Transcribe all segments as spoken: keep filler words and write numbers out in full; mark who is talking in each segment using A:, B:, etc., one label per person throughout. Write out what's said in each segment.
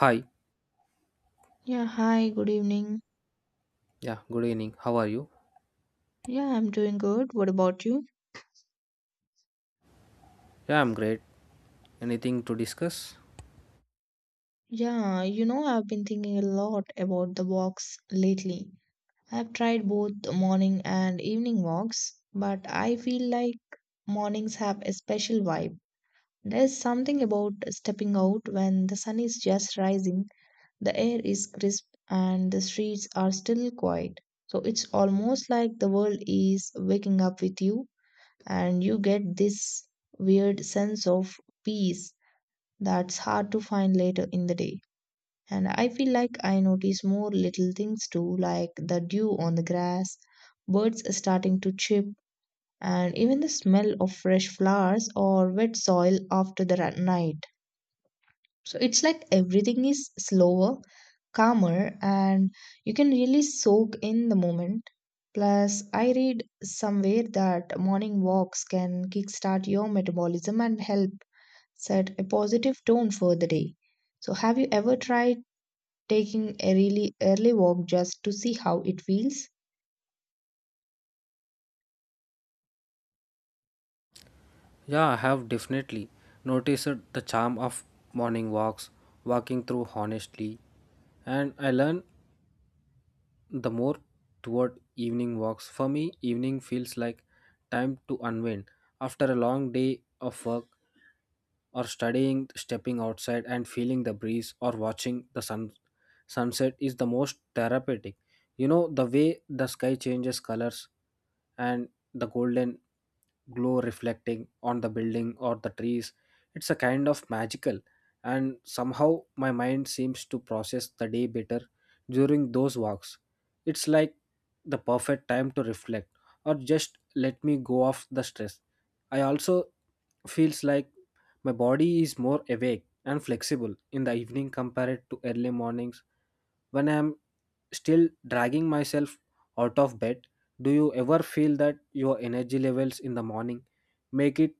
A: Hi.
B: Yeah, hi, good evening.
A: Yeah, good evening. How are you?
B: Yeah, I'm doing good. What about you?
A: Yeah, I'm great. Anything to discuss?
B: Yeah, you know, I've been thinking a lot about the walks lately. I've tried both morning and evening walks, but I feel like mornings have a special vibe. There's something about stepping out when the sun is just rising, the air is crisp, and the streets are still quiet. So it's almost like the world is waking up with you, and you get this weird sense of peace that's hard to find later in the day. And I feel like I notice more little things too, like the dew on the grass, birds starting to chirp, and even the smell of fresh flowers or wet soil after the ra- night. So it's like everything is slower, calmer, and you can really soak in the moment. Plus, I read somewhere that morning walks can kickstart your metabolism and help set a positive tone for the day. So, have you ever tried taking a really early walk just to see how it feels?
A: Yeah, I have definitely noticed the charm of morning walks, walking through honestly. And I learned the more toward evening walks. For me, evening feels like time to unwind. After a long day of work or studying, stepping outside and feeling the breeze or watching the sun sunset is the most therapeutic. You know, the way the sky changes colors and the golden glow reflecting on the building or the trees, it's a kind of magical. And somehow my mind seems to process the day better during those walks. It's like the perfect time to reflect or just let me go off the stress. I also feels like my body is more awake and flexible in the evening compared to early mornings when I am still dragging myself out of bed. Do you ever feel that your energy levels in the morning make it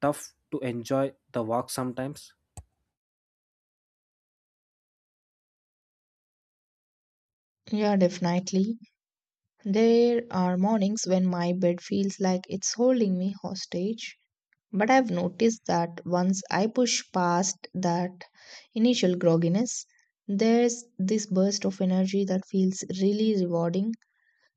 A: tough to enjoy the walk sometimes?
B: Yeah, definitely. There are mornings when my bed feels like it's holding me hostage. But I've noticed that once I push past that initial grogginess, there's this burst of energy that feels really rewarding.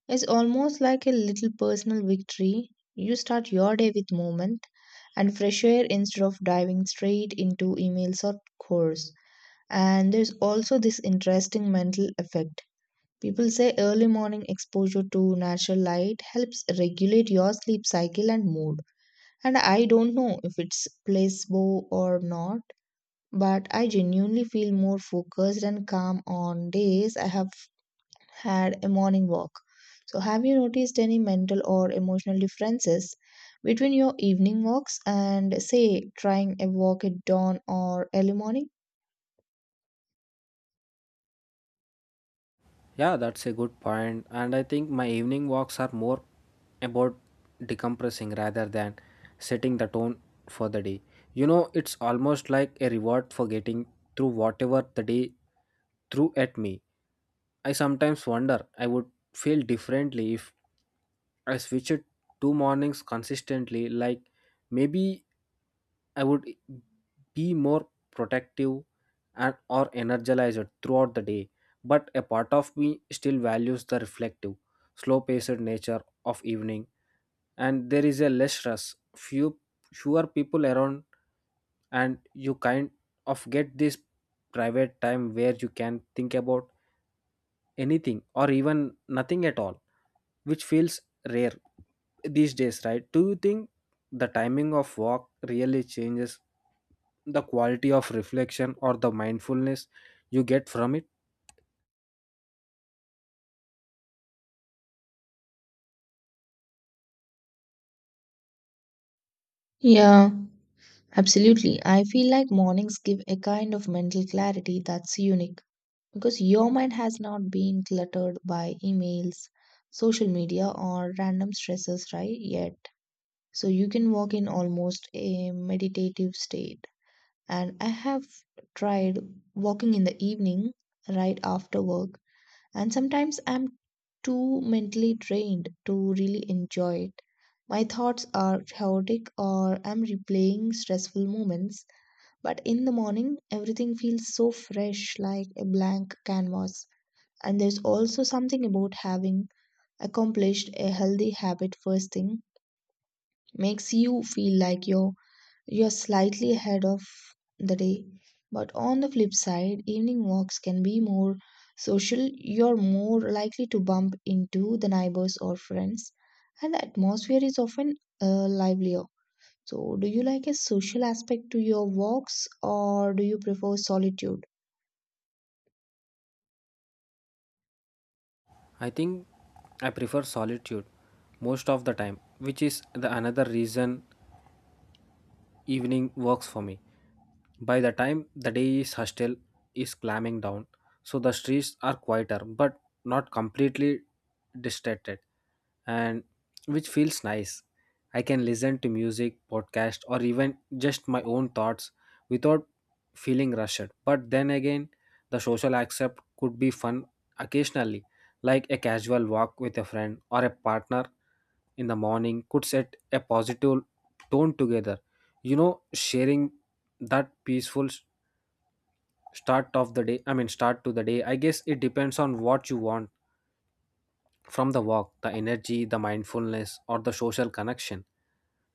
B: It's almost like a little personal victory. You start your day with movement and fresh air instead of diving straight into emails or chores. And there's also this interesting mental effect. People say early morning exposure to natural light helps regulate your sleep cycle and mood. And I don't know if it's placebo or not, but I genuinely feel more focused and calm on days I have had a morning walk. So, have you noticed any mental or emotional differences between your evening walks and, say, trying a walk at dawn or early morning?
A: Yeah, that's a good point. And I think my evening walks are more about decompressing rather than setting the tone for the day. You know, it's almost like a reward for getting through whatever the day threw at me. I sometimes wonder I would feel differently if I switched two mornings consistently. Like maybe I would be more protective and or energized throughout the day, but a part of me still values the reflective, slow-paced nature of evening, and there is a less stress, few fewer people around, and you kind of get this private time where you can think about anything or even nothing at all, which feels rare these days, right? Do you think the timing of walk really changes the quality of reflection or the mindfulness you get from it?
B: Yeah, absolutely. I feel like mornings give a kind of mental clarity that's unique because your mind has not been cluttered by emails, social media, or random stresses, right? Yet. So, you can walk in almost a meditative state and I have tried walking in the evening right after work, and sometimes I'm too mentally drained to really enjoy it. My thoughts are chaotic or I'm replaying stressful moments, but in the morning, everything feels so fresh like a blank canvas. And there's also something about having accomplished a healthy habit first thing makes you feel like you're you're slightly ahead of the day. But on the flip side, evening walks can be more social. You're more likely to bump into the neighbors or friends, and the atmosphere is often uh, livelier. So, do you like a social aspect to your walks or do you prefer solitude?
A: I think I prefer solitude most of the time, which is the another reason evening works for me. By the time the day's hostel is clamming down, so the streets are quieter but not completely distracted, and which feels nice. I can listen to music, podcast, or even just my own thoughts without feeling rushed. But then again, the social accept could be fun occasionally, like a casual walk with a friend or a partner in the morning could set a positive tone together, you know, sharing that peaceful s- start of the day i mean start to the day. I guess it depends on what you want from the walk, the energy, the mindfulness, or the social connection.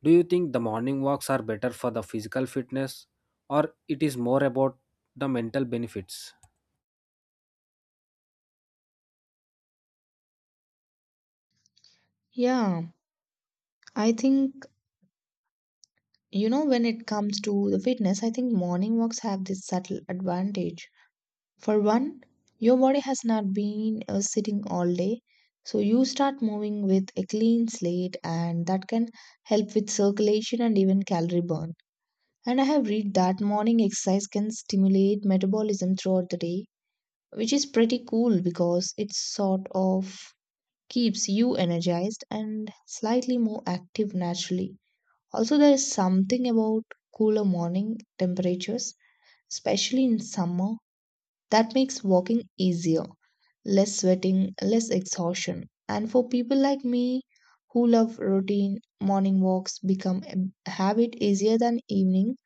A: Do you think the morning walks are better for the physical fitness or it is more about the mental benefits?
B: Yeah, I think, you know, when it comes to the fitness, I think morning walks have this subtle advantage. For one, your body has not been uh, sitting all day, so you start moving with a clean slate, and that can help with circulation and even calorie burn. And I have read that morning exercise can stimulate metabolism throughout the day, which is pretty cool because it sort of keeps you energized and slightly more active naturally. Also, there is something about cooler morning temperatures, especially in summer, that makes walking easier, less sweating, less exhaustion. And for people like me who love routine, morning walks become a habit easier than evening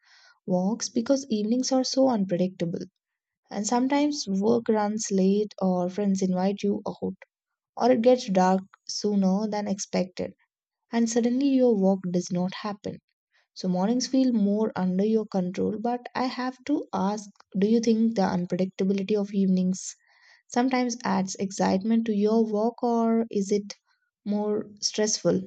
B: walks because evenings are so unpredictable. And sometimes work runs late, or friends invite you out, or it gets dark sooner than expected, and suddenly your walk does not happen. So mornings feel more under your control, but I have to ask, do you think the unpredictability of evenings sometimes adds excitement to your walk or is it more stressful?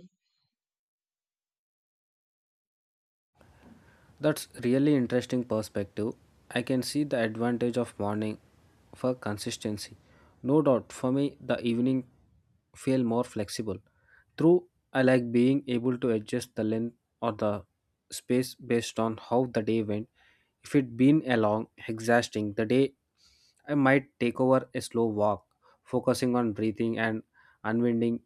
A: That's really interesting perspective. I can see the advantage of morning for consistency. No doubt for me the evening feel more flexible. True, I like being able to adjust the length or the space based on how the day went. If it been a long, exhausting the day, I might take over a slow walk, focusing on breathing and unwinding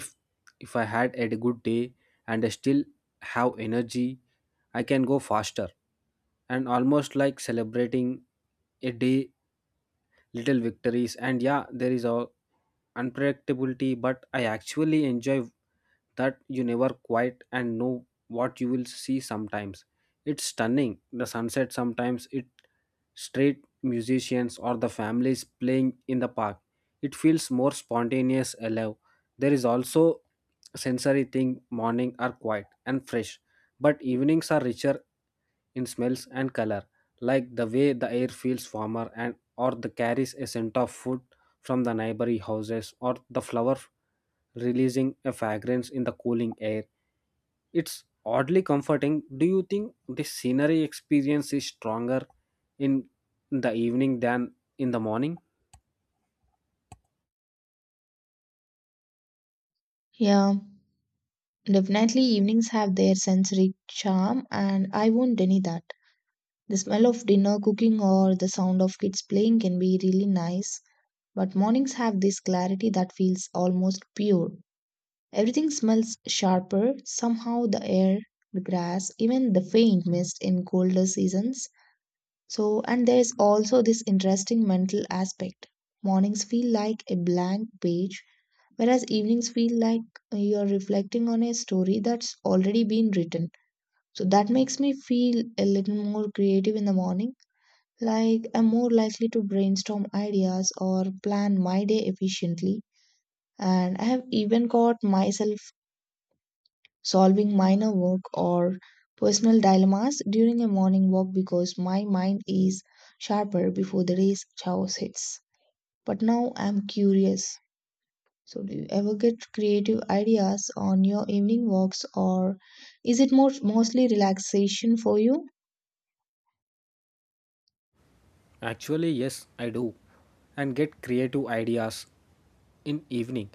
A: if if I had a good day and I still have energy, I can go faster and almost like celebrating a day little victories. And yeah, there is all unpredictability, but I actually enjoy that. You never quite and know what you will see. Sometimes it's stunning the sunset, sometimes it straight musicians or the families playing in the park. It feels more spontaneous alive. There is also sensory thing, morning are quiet and fresh, but evenings are richer in smells and color, like the way the air feels warmer and or the carries a scent of food from the neighboring houses or the flower releasing a fragrance in the cooling air. It's oddly comforting. Do you think this scenery experience is stronger in the evening than in the morning?
B: Yeah, definitely evenings have their sensory charm and I won't deny that. The smell of dinner cooking or the sound of kids playing can be really nice, but mornings have this clarity that feels almost pure. Everything smells sharper, somehow the air, the grass, even the faint mist in colder seasons. So, and there's also this interesting mental aspect. Mornings feel like a blank page, whereas evenings feel like you're reflecting on a story that's already been written. So, that makes me feel a little more creative in the morning. Like, I'm more likely to brainstorm ideas or plan my day efficiently. And I have even caught myself solving minor work or personal dilemmas during a morning walk because my mind is sharper before the race chaos hits. But now I'm curious. So, do you ever get creative ideas on your evening walks, or is it more mostly relaxation for you?
A: Actually, yes, I do, and get creative ideas in evening,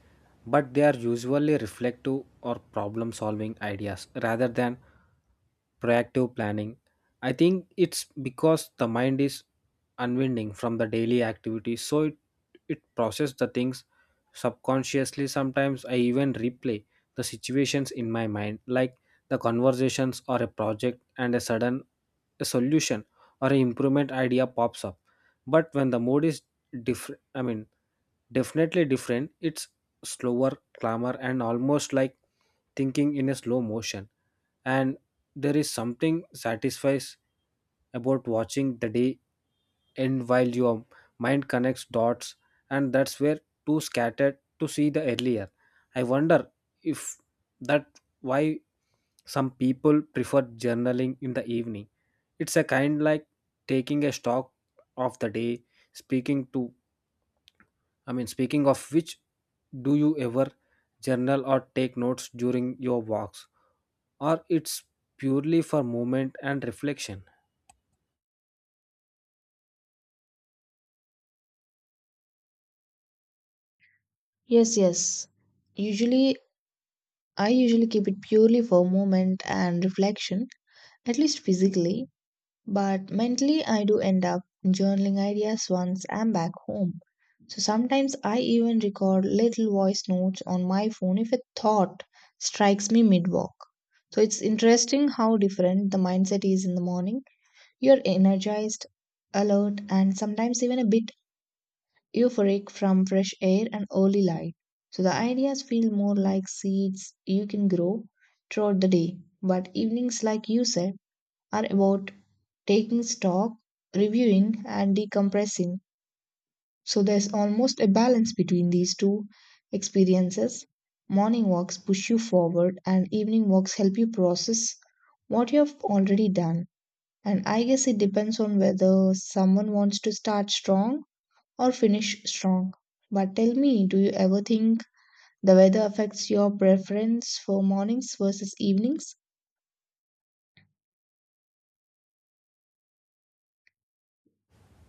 A: but they are usually reflective or problem solving ideas rather than proactive planning. I think it's because the mind is unwinding from the daily activities, so it, it processes the things subconsciously. Sometimes I even replay the situations in my mind, like the conversations or a project and a sudden a solution or an improvement idea pops up. But when the mode is different i mean definitely different. It's slower, calmer, and almost like thinking in a slow motion. And there is something satisfies about watching the day end while your mind connects dots, and that's where too scattered to see the earlier. I wonder if that why some people prefer journaling in the evening. It's a kind like taking a stock of the day speaking to I mean speaking of which, do you ever journal or take notes during your walks or it's purely for movement and reflection?
B: Yes, yes. Usually, I usually keep it purely for moment and reflection, at least physically. But mentally, I do end up journaling ideas once I'm back home. So sometimes I even record little voice notes on my phone if a thought strikes me mid walk. So it's interesting how different the mindset is in the morning. You're energized, alert, and sometimes even a bit euphoric from fresh air and early light. So the ideas feel more like seeds you can grow throughout the day. But evenings, like you said, are about taking stock, reviewing, and decompressing. So there's almost a balance between these two experiences. Morning walks push you forward, and evening walks help you process what you have already done. And I guess it depends on whether someone wants to start strong or finish strong. But tell me, do you ever think the weather affects your preference for mornings versus evenings?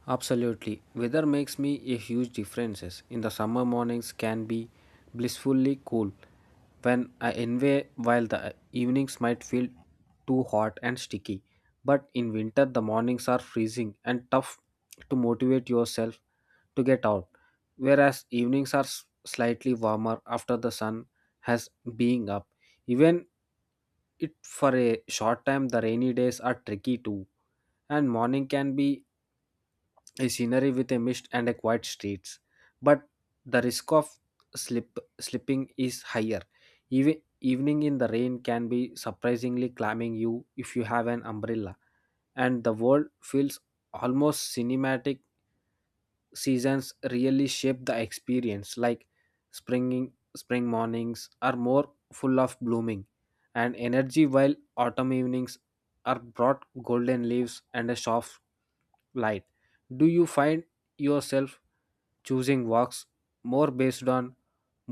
A: Absolutely. Weather makes me a huge differences. In the summer mornings can be blissfully cool when I envy, while the evenings might feel too hot and sticky. But in winter the mornings are freezing and tough to motivate yourself to get out. Whereas evenings are s- slightly warmer after the sun has being up. Even it for a short time, the rainy days are tricky too, and morning can be a scenery with a mist and a quiet streets, but the risk of slip slipping is higher. Even evening in the rain can be surprisingly calming you if you have an umbrella, and the world feels almost cinematic. Seasons really shape the experience, like springing spring mornings are more full of blooming and energy, while autumn evenings are brought golden leaves and a soft light. Do you find yourself choosing walks more based on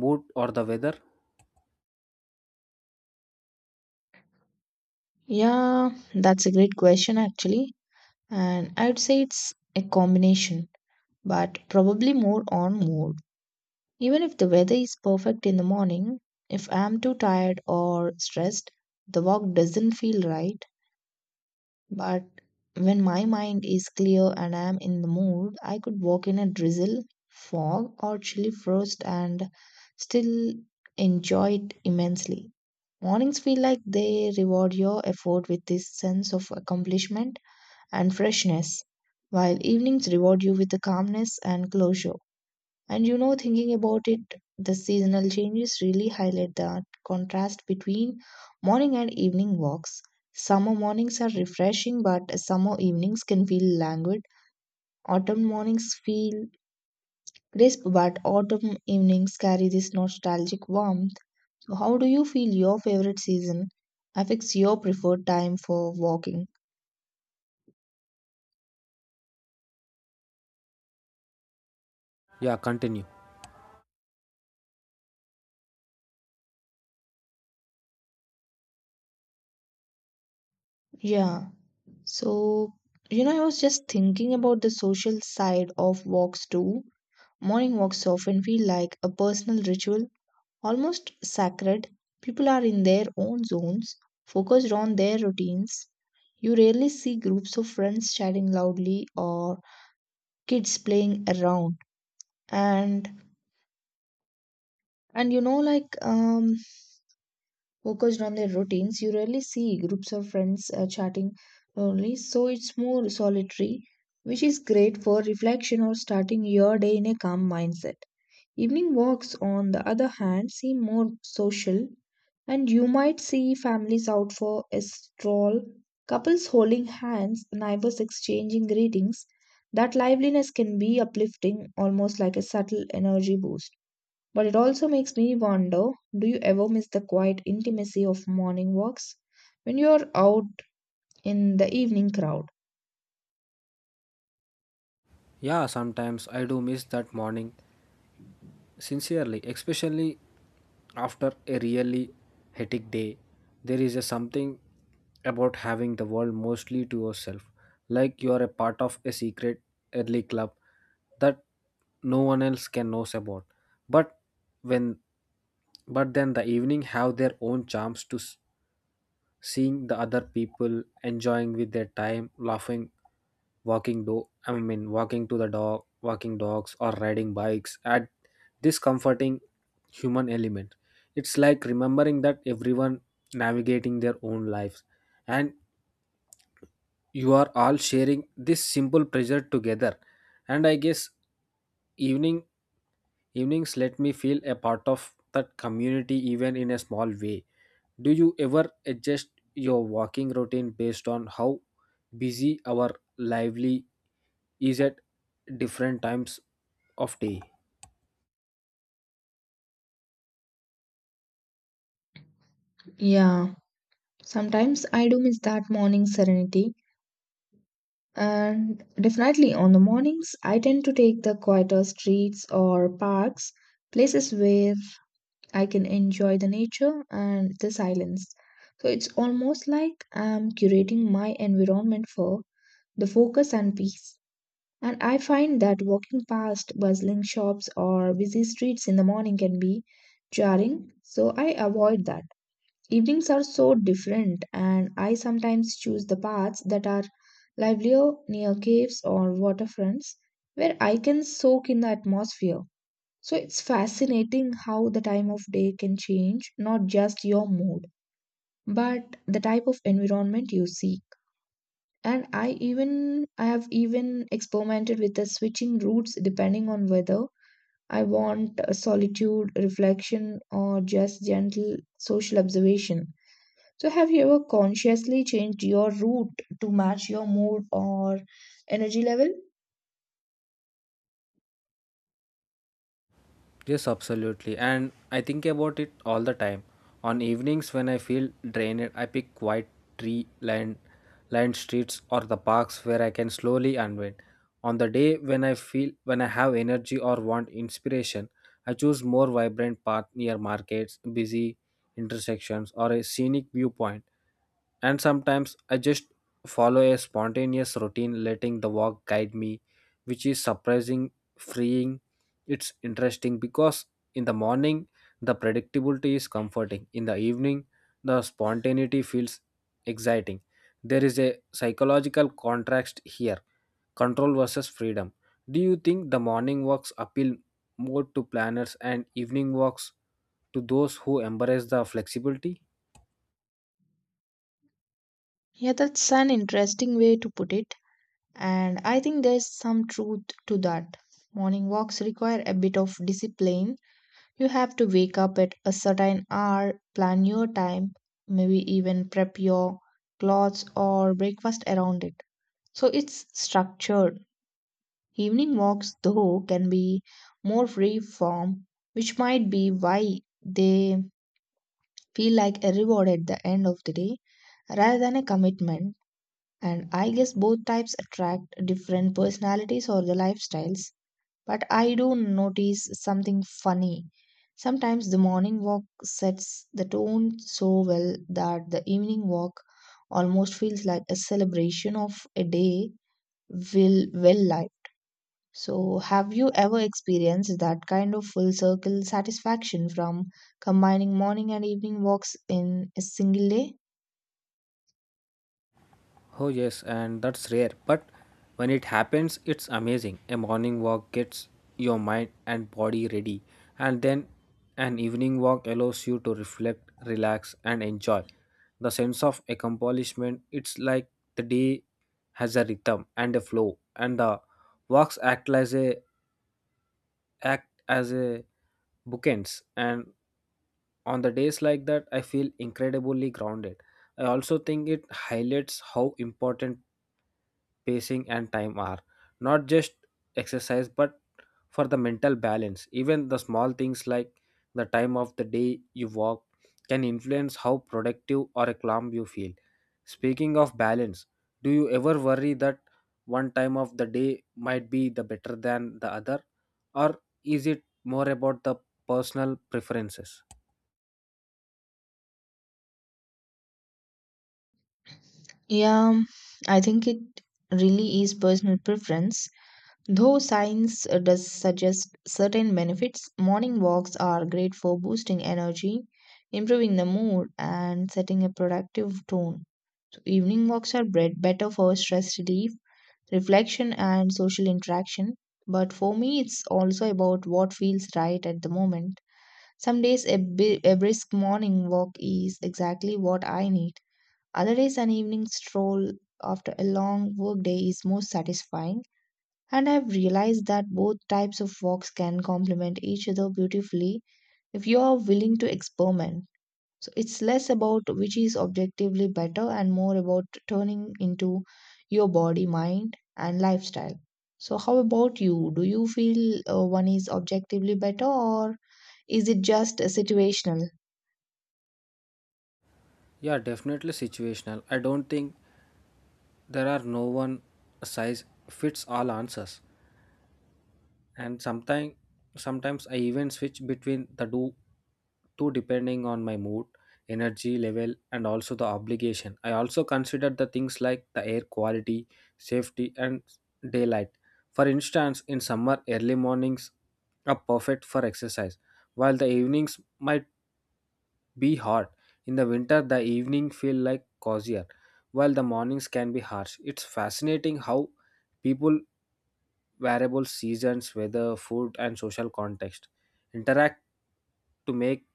A: mood or the weather?
B: Yeah, that's a great question actually. And I would say it's a combination, but probably more on mood. Even if the weather is perfect in the morning, if I'm too tired or stressed, the walk doesn't feel right. But when my mind is clear and I'm in the mood, I could walk in a drizzle, fog, or chilly frost and still enjoy it immensely. Mornings feel like they reward your effort with this sense of accomplishment and freshness, while evenings reward you with the calmness and closure. And you know, thinking about it, the seasonal changes really highlight the contrast between morning and evening walks. Summer mornings are refreshing, but summer evenings can feel languid. Autumn mornings feel crisp, but autumn evenings carry this nostalgic warmth. So, how do you feel your favorite season affects your preferred time for walking?
A: Yeah, continue.
B: Yeah. So, you know, I was just thinking about the social side of walks too. Morning walks often feel like a personal ritual, almost sacred. People are in their own zones, focused on their routines. You rarely see groups of friends chatting loudly or kids playing around. And and you know, like um, focused on their routines. You rarely see groups of friends uh, chatting uh, only, so it's more solitary, which is great for reflection or starting your day in a calm mindset. Evening walks, on the other hand, seem more social, and you might see families out for a stroll, couples holding hands, neighbors exchanging greetings. That liveliness can be uplifting, almost like a subtle energy boost. But it also makes me wonder, do you ever miss the quiet intimacy of morning walks when you're out in the evening crowd?
A: Yeah, sometimes I do miss that morning sincerely, especially after a really hectic day. There is a something about having the world mostly to yourself, like you are a part of a secret early club that no one else can knows about. But when but then the evening have their own charms to seeing the other people enjoying with their time, laughing walking do I mean walking to the dog, walking dogs or riding bikes, add this comforting human element. It's like remembering that everyone navigating their own lives, and you are all sharing this simple pleasure together. And I guess evening evenings let me feel a part of that community even in a small way. Do you ever adjust your walking routine based on how busy our lively is at different times of day?
B: Yeah, sometimes I do miss that morning serenity. And definitely on the mornings, I tend to take the quieter streets or parks, places where I can enjoy the nature and the silence. So it's almost like I'm curating my environment for the focus and peace. And I find that walking past bustling shops or busy streets in the morning can be jarring, so I avoid that. Evenings are so different, and I sometimes choose the paths that are livelier near caves or waterfronts where I can soak in the atmosphere. So it's fascinating how the time of day can change not just your mood, but the type of environment you see. And i even i have even experimented with the switching routes depending on whether I want a solitude reflection or just gentle social observation. So have you ever consciously changed your route to match your mood or energy level?
A: Yes, absolutely. And I think about it all the time. On evenings when I feel drained, I pick quiet tree lined lined streets or the parks where I can slowly unwind. On the day when I feel when I have energy or want inspiration, I choose more vibrant path near markets, busy intersections or a scenic viewpoint. And sometimes I just follow a spontaneous routine letting the walk guide me, which is surprising freeing. It's interesting because in the morning, the predictability is comforting. In the evening, the spontaneity feels exciting. There is a psychological contrast here, control versus freedom. Do you think the morning walks appeal more to planners and evening walks to those who embrace the flexibility?
B: Yeah, that's an interesting way to put it. And I think there's some truth to that. Morning walks require a bit of discipline. You have to wake up at a certain hour, plan your time, maybe even prep your clothes or breakfast around it. So it's structured. Evening walks, though, can be more free form, which might be why they feel like a reward at the end of the day rather than a commitment. And I guess both types attract different personalities or the lifestyles. But I do notice something funny. Sometimes the morning walk sets the tone so well that the evening walk almost feels like a celebration of a day will well life. So have you ever experienced that kind of full circle satisfaction from combining morning and evening walks in a single day?
A: Oh, yes, and that's rare. But when it happens, it's amazing. A morning walk gets your mind and body ready, and then an evening walk allows you to reflect, relax, and enjoy. The sense of accomplishment, it's like the day has a rhythm and a flow, and the walks act as a act as a bookends. And on the days like that, I feel incredibly grounded. I also think it highlights how important pacing and time are, not just exercise but for the mental balance. Even the small things like the time of the day you walk can influence how productive or calm you feel. Speaking of balance, do you ever worry that one time of the day might be the better than the other, or is it more about the personal preferences?
B: Yeah, I think it really is personal preference. Though science uh, does suggest certain benefits, morning walks are great for boosting energy, improving the mood, and setting a productive tone. So evening walks are bred better for stress relief, reflection, and social interaction. But for me, it's also about what feels right at the moment. Some days, a, bi- a brisk morning walk is exactly what I need. Other days, an evening stroll after a long workday is more satisfying. And I've realized that both types of walks can complement each other beautifully if you are willing to experiment. So it's less about which is objectively better and more about turning into your body, mind, and lifestyle. So, how about you? Do you feel uh, one is objectively better or is it just uh, situational?
A: Yeah, definitely situational. I don't think there are no one size fits all answers. And sometimes sometimes I even switch between the do two depending on my mood, energy level, and also the obligation. I also consider the things like the air quality, safety, and daylight. For instance, in summer early mornings are perfect for exercise, while the evenings might be hot. In the winter the evening feel like cozier, while the mornings can be harsh. It's fascinating how people variables, seasons, weather, food, and social context interact to make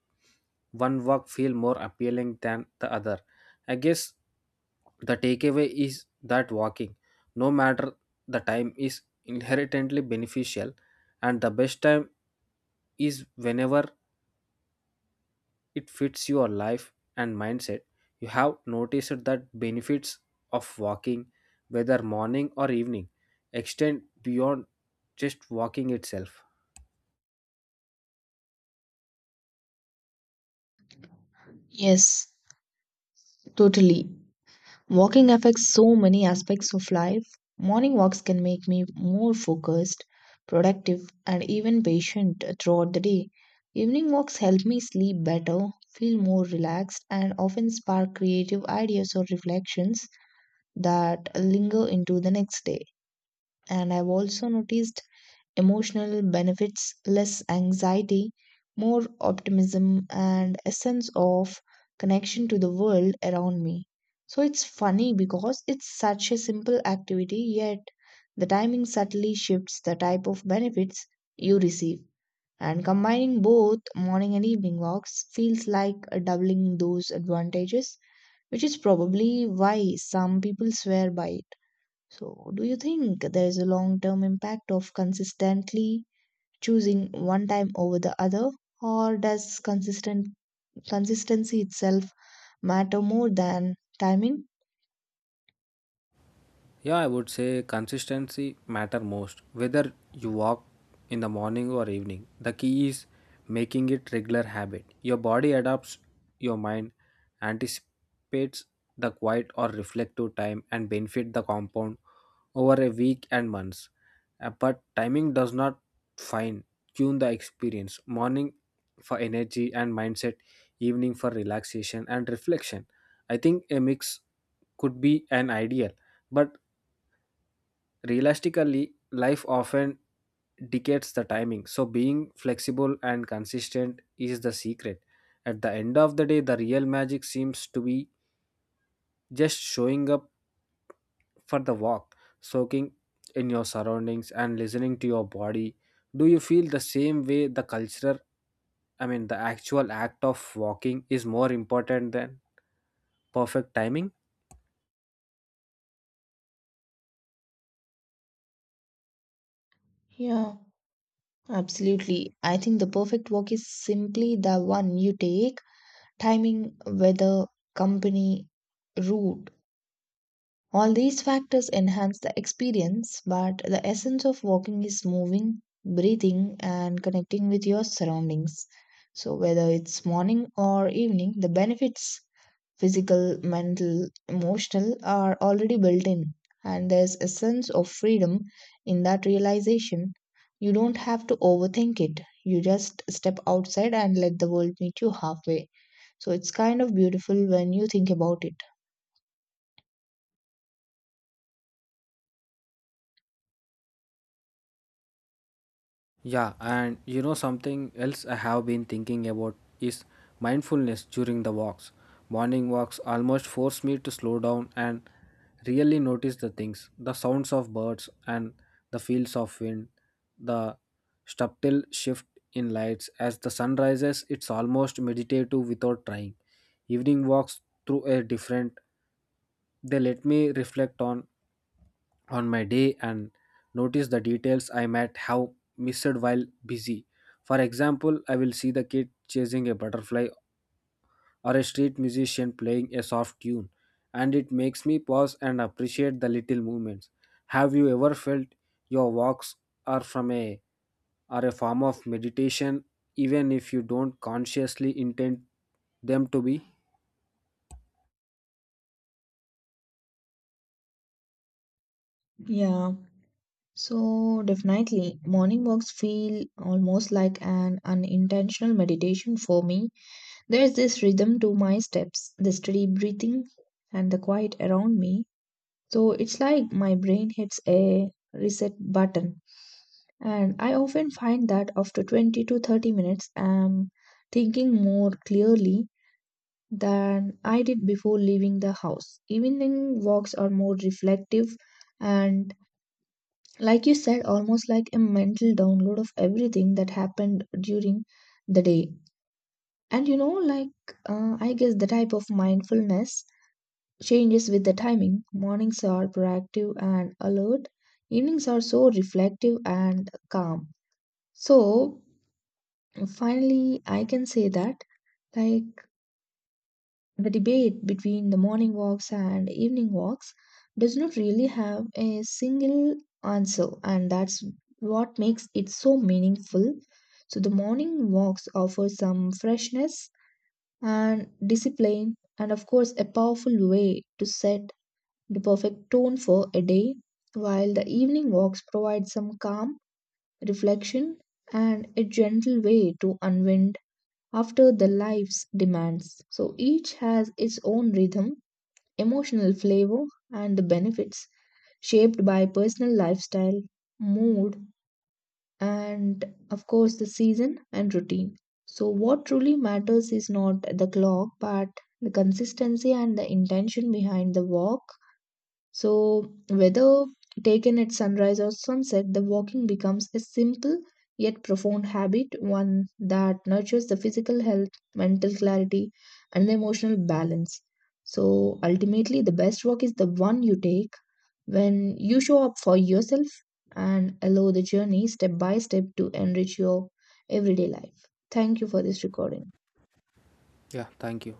A: one work feel more appealing than the other. I guess the takeaway is that walking, no matter the time, is inherently beneficial, and the best time is whenever it fits your life and mindset. You have noticed that benefits of walking, whether morning or evening, extend beyond just walking itself.
B: Yes, totally. Walking affects so many aspects of life. Morning walks can make me more focused, productive, and even patient throughout the day. Evening walks help me sleep better, feel more relaxed, and often spark creative ideas or reflections that linger into the next day. And I've also noticed emotional benefits, less anxiety, more optimism, and a sense of connection to the world around me. So it's funny because it's such a simple activity, yet the timing subtly shifts the type of benefits you receive. And combining both morning and evening walks feels like doubling those advantages, which is probably why some people swear by it. So, do you think there is a long term impact of consistently choosing one time over the other, or does consistent consistency itself matter more than timing?
A: Yeah, I would say consistency matter most. Whether you walk in the morning or evening, the key is making it regular habit. Your body adapts, your mind anticipates the quiet or reflective time and benefit the compound over a week and months. Uh, But timing does not fine tune the experience. Morning for energy and mindset, evening for relaxation and reflection. I think a mix could be an ideal, but realistically, life often dictates the timing, so being flexible and consistent is the secret. At the end of the day, the real magic seems to be just showing up for the walk, soaking in your surroundings and listening to your body. Do you feel the same way the cultural, I mean, the actual act of walking is more important than perfect timing?
B: Yeah, absolutely. I think the perfect walk is simply the one you take, timing, weather, company, route. All these factors enhance the experience, but the essence of walking is moving, breathing, and connecting with your surroundings. So, whether it's morning or evening, the benefits physical, mental, emotional are already built in. And there's a sense of freedom in that realization. You don't have to overthink it. You just step outside and let the world meet you halfway. So it's kind of beautiful when you think about it.
A: Yeah, and you know something else I have been thinking about is mindfulness during the walks. Morning walks almost force me to slow down and really notice the things, the sounds of birds and the fields of wind, the subtle shift in lights as the sun rises, it's almost meditative without trying. Evening walks through a different, they let me reflect on on my day and notice the details I might have missed while busy. For example, I will see the kid chasing a butterfly or a street musician playing a soft tune, and it makes me pause and appreciate the little movements. Have you ever felt your walks are from a are a form of meditation even if you don't consciously intend them to be?
B: Yeah. So, definitely, morning walks feel almost like an unintentional meditation for me. There's this rhythm to my steps, the steady breathing, and the quiet around me. So, it's like my brain hits a reset button. And I often find that after twenty to thirty minutes, I'm thinking more clearly than I did before leaving the house. Evening walks are more reflective and, like you said, almost like a mental download of everything that happened during the day. And you know, like, uh, I guess the type of mindfulness changes with the timing. Mornings are proactive and alert, evenings are so reflective and calm. So finally I can say that, like, the debate between the morning walks and evening walks does not really have a single answer, and that's what makes it so meaningful. So the morning walks offer some freshness and discipline, and of course, a powerful way to set the perfect tone for a day, while the evening walks provide some calm, reflection, and a gentle way to unwind after the life's demands. So each has its own rhythm, emotional flavor, and the benefits shaped by personal lifestyle, mood, and of course the season and routine. So, what truly matters is not the clock but the consistency and the intention behind the walk. So, whether taken at sunrise or sunset, the walking becomes a simple yet profound habit, one that nurtures the physical health, mental clarity, and the emotional balance. So, ultimately, the best walk is the one you take when you show up for yourself and allow the journey step by step to enrich your everyday life. Thank you for this recording.
A: Yeah, thank you.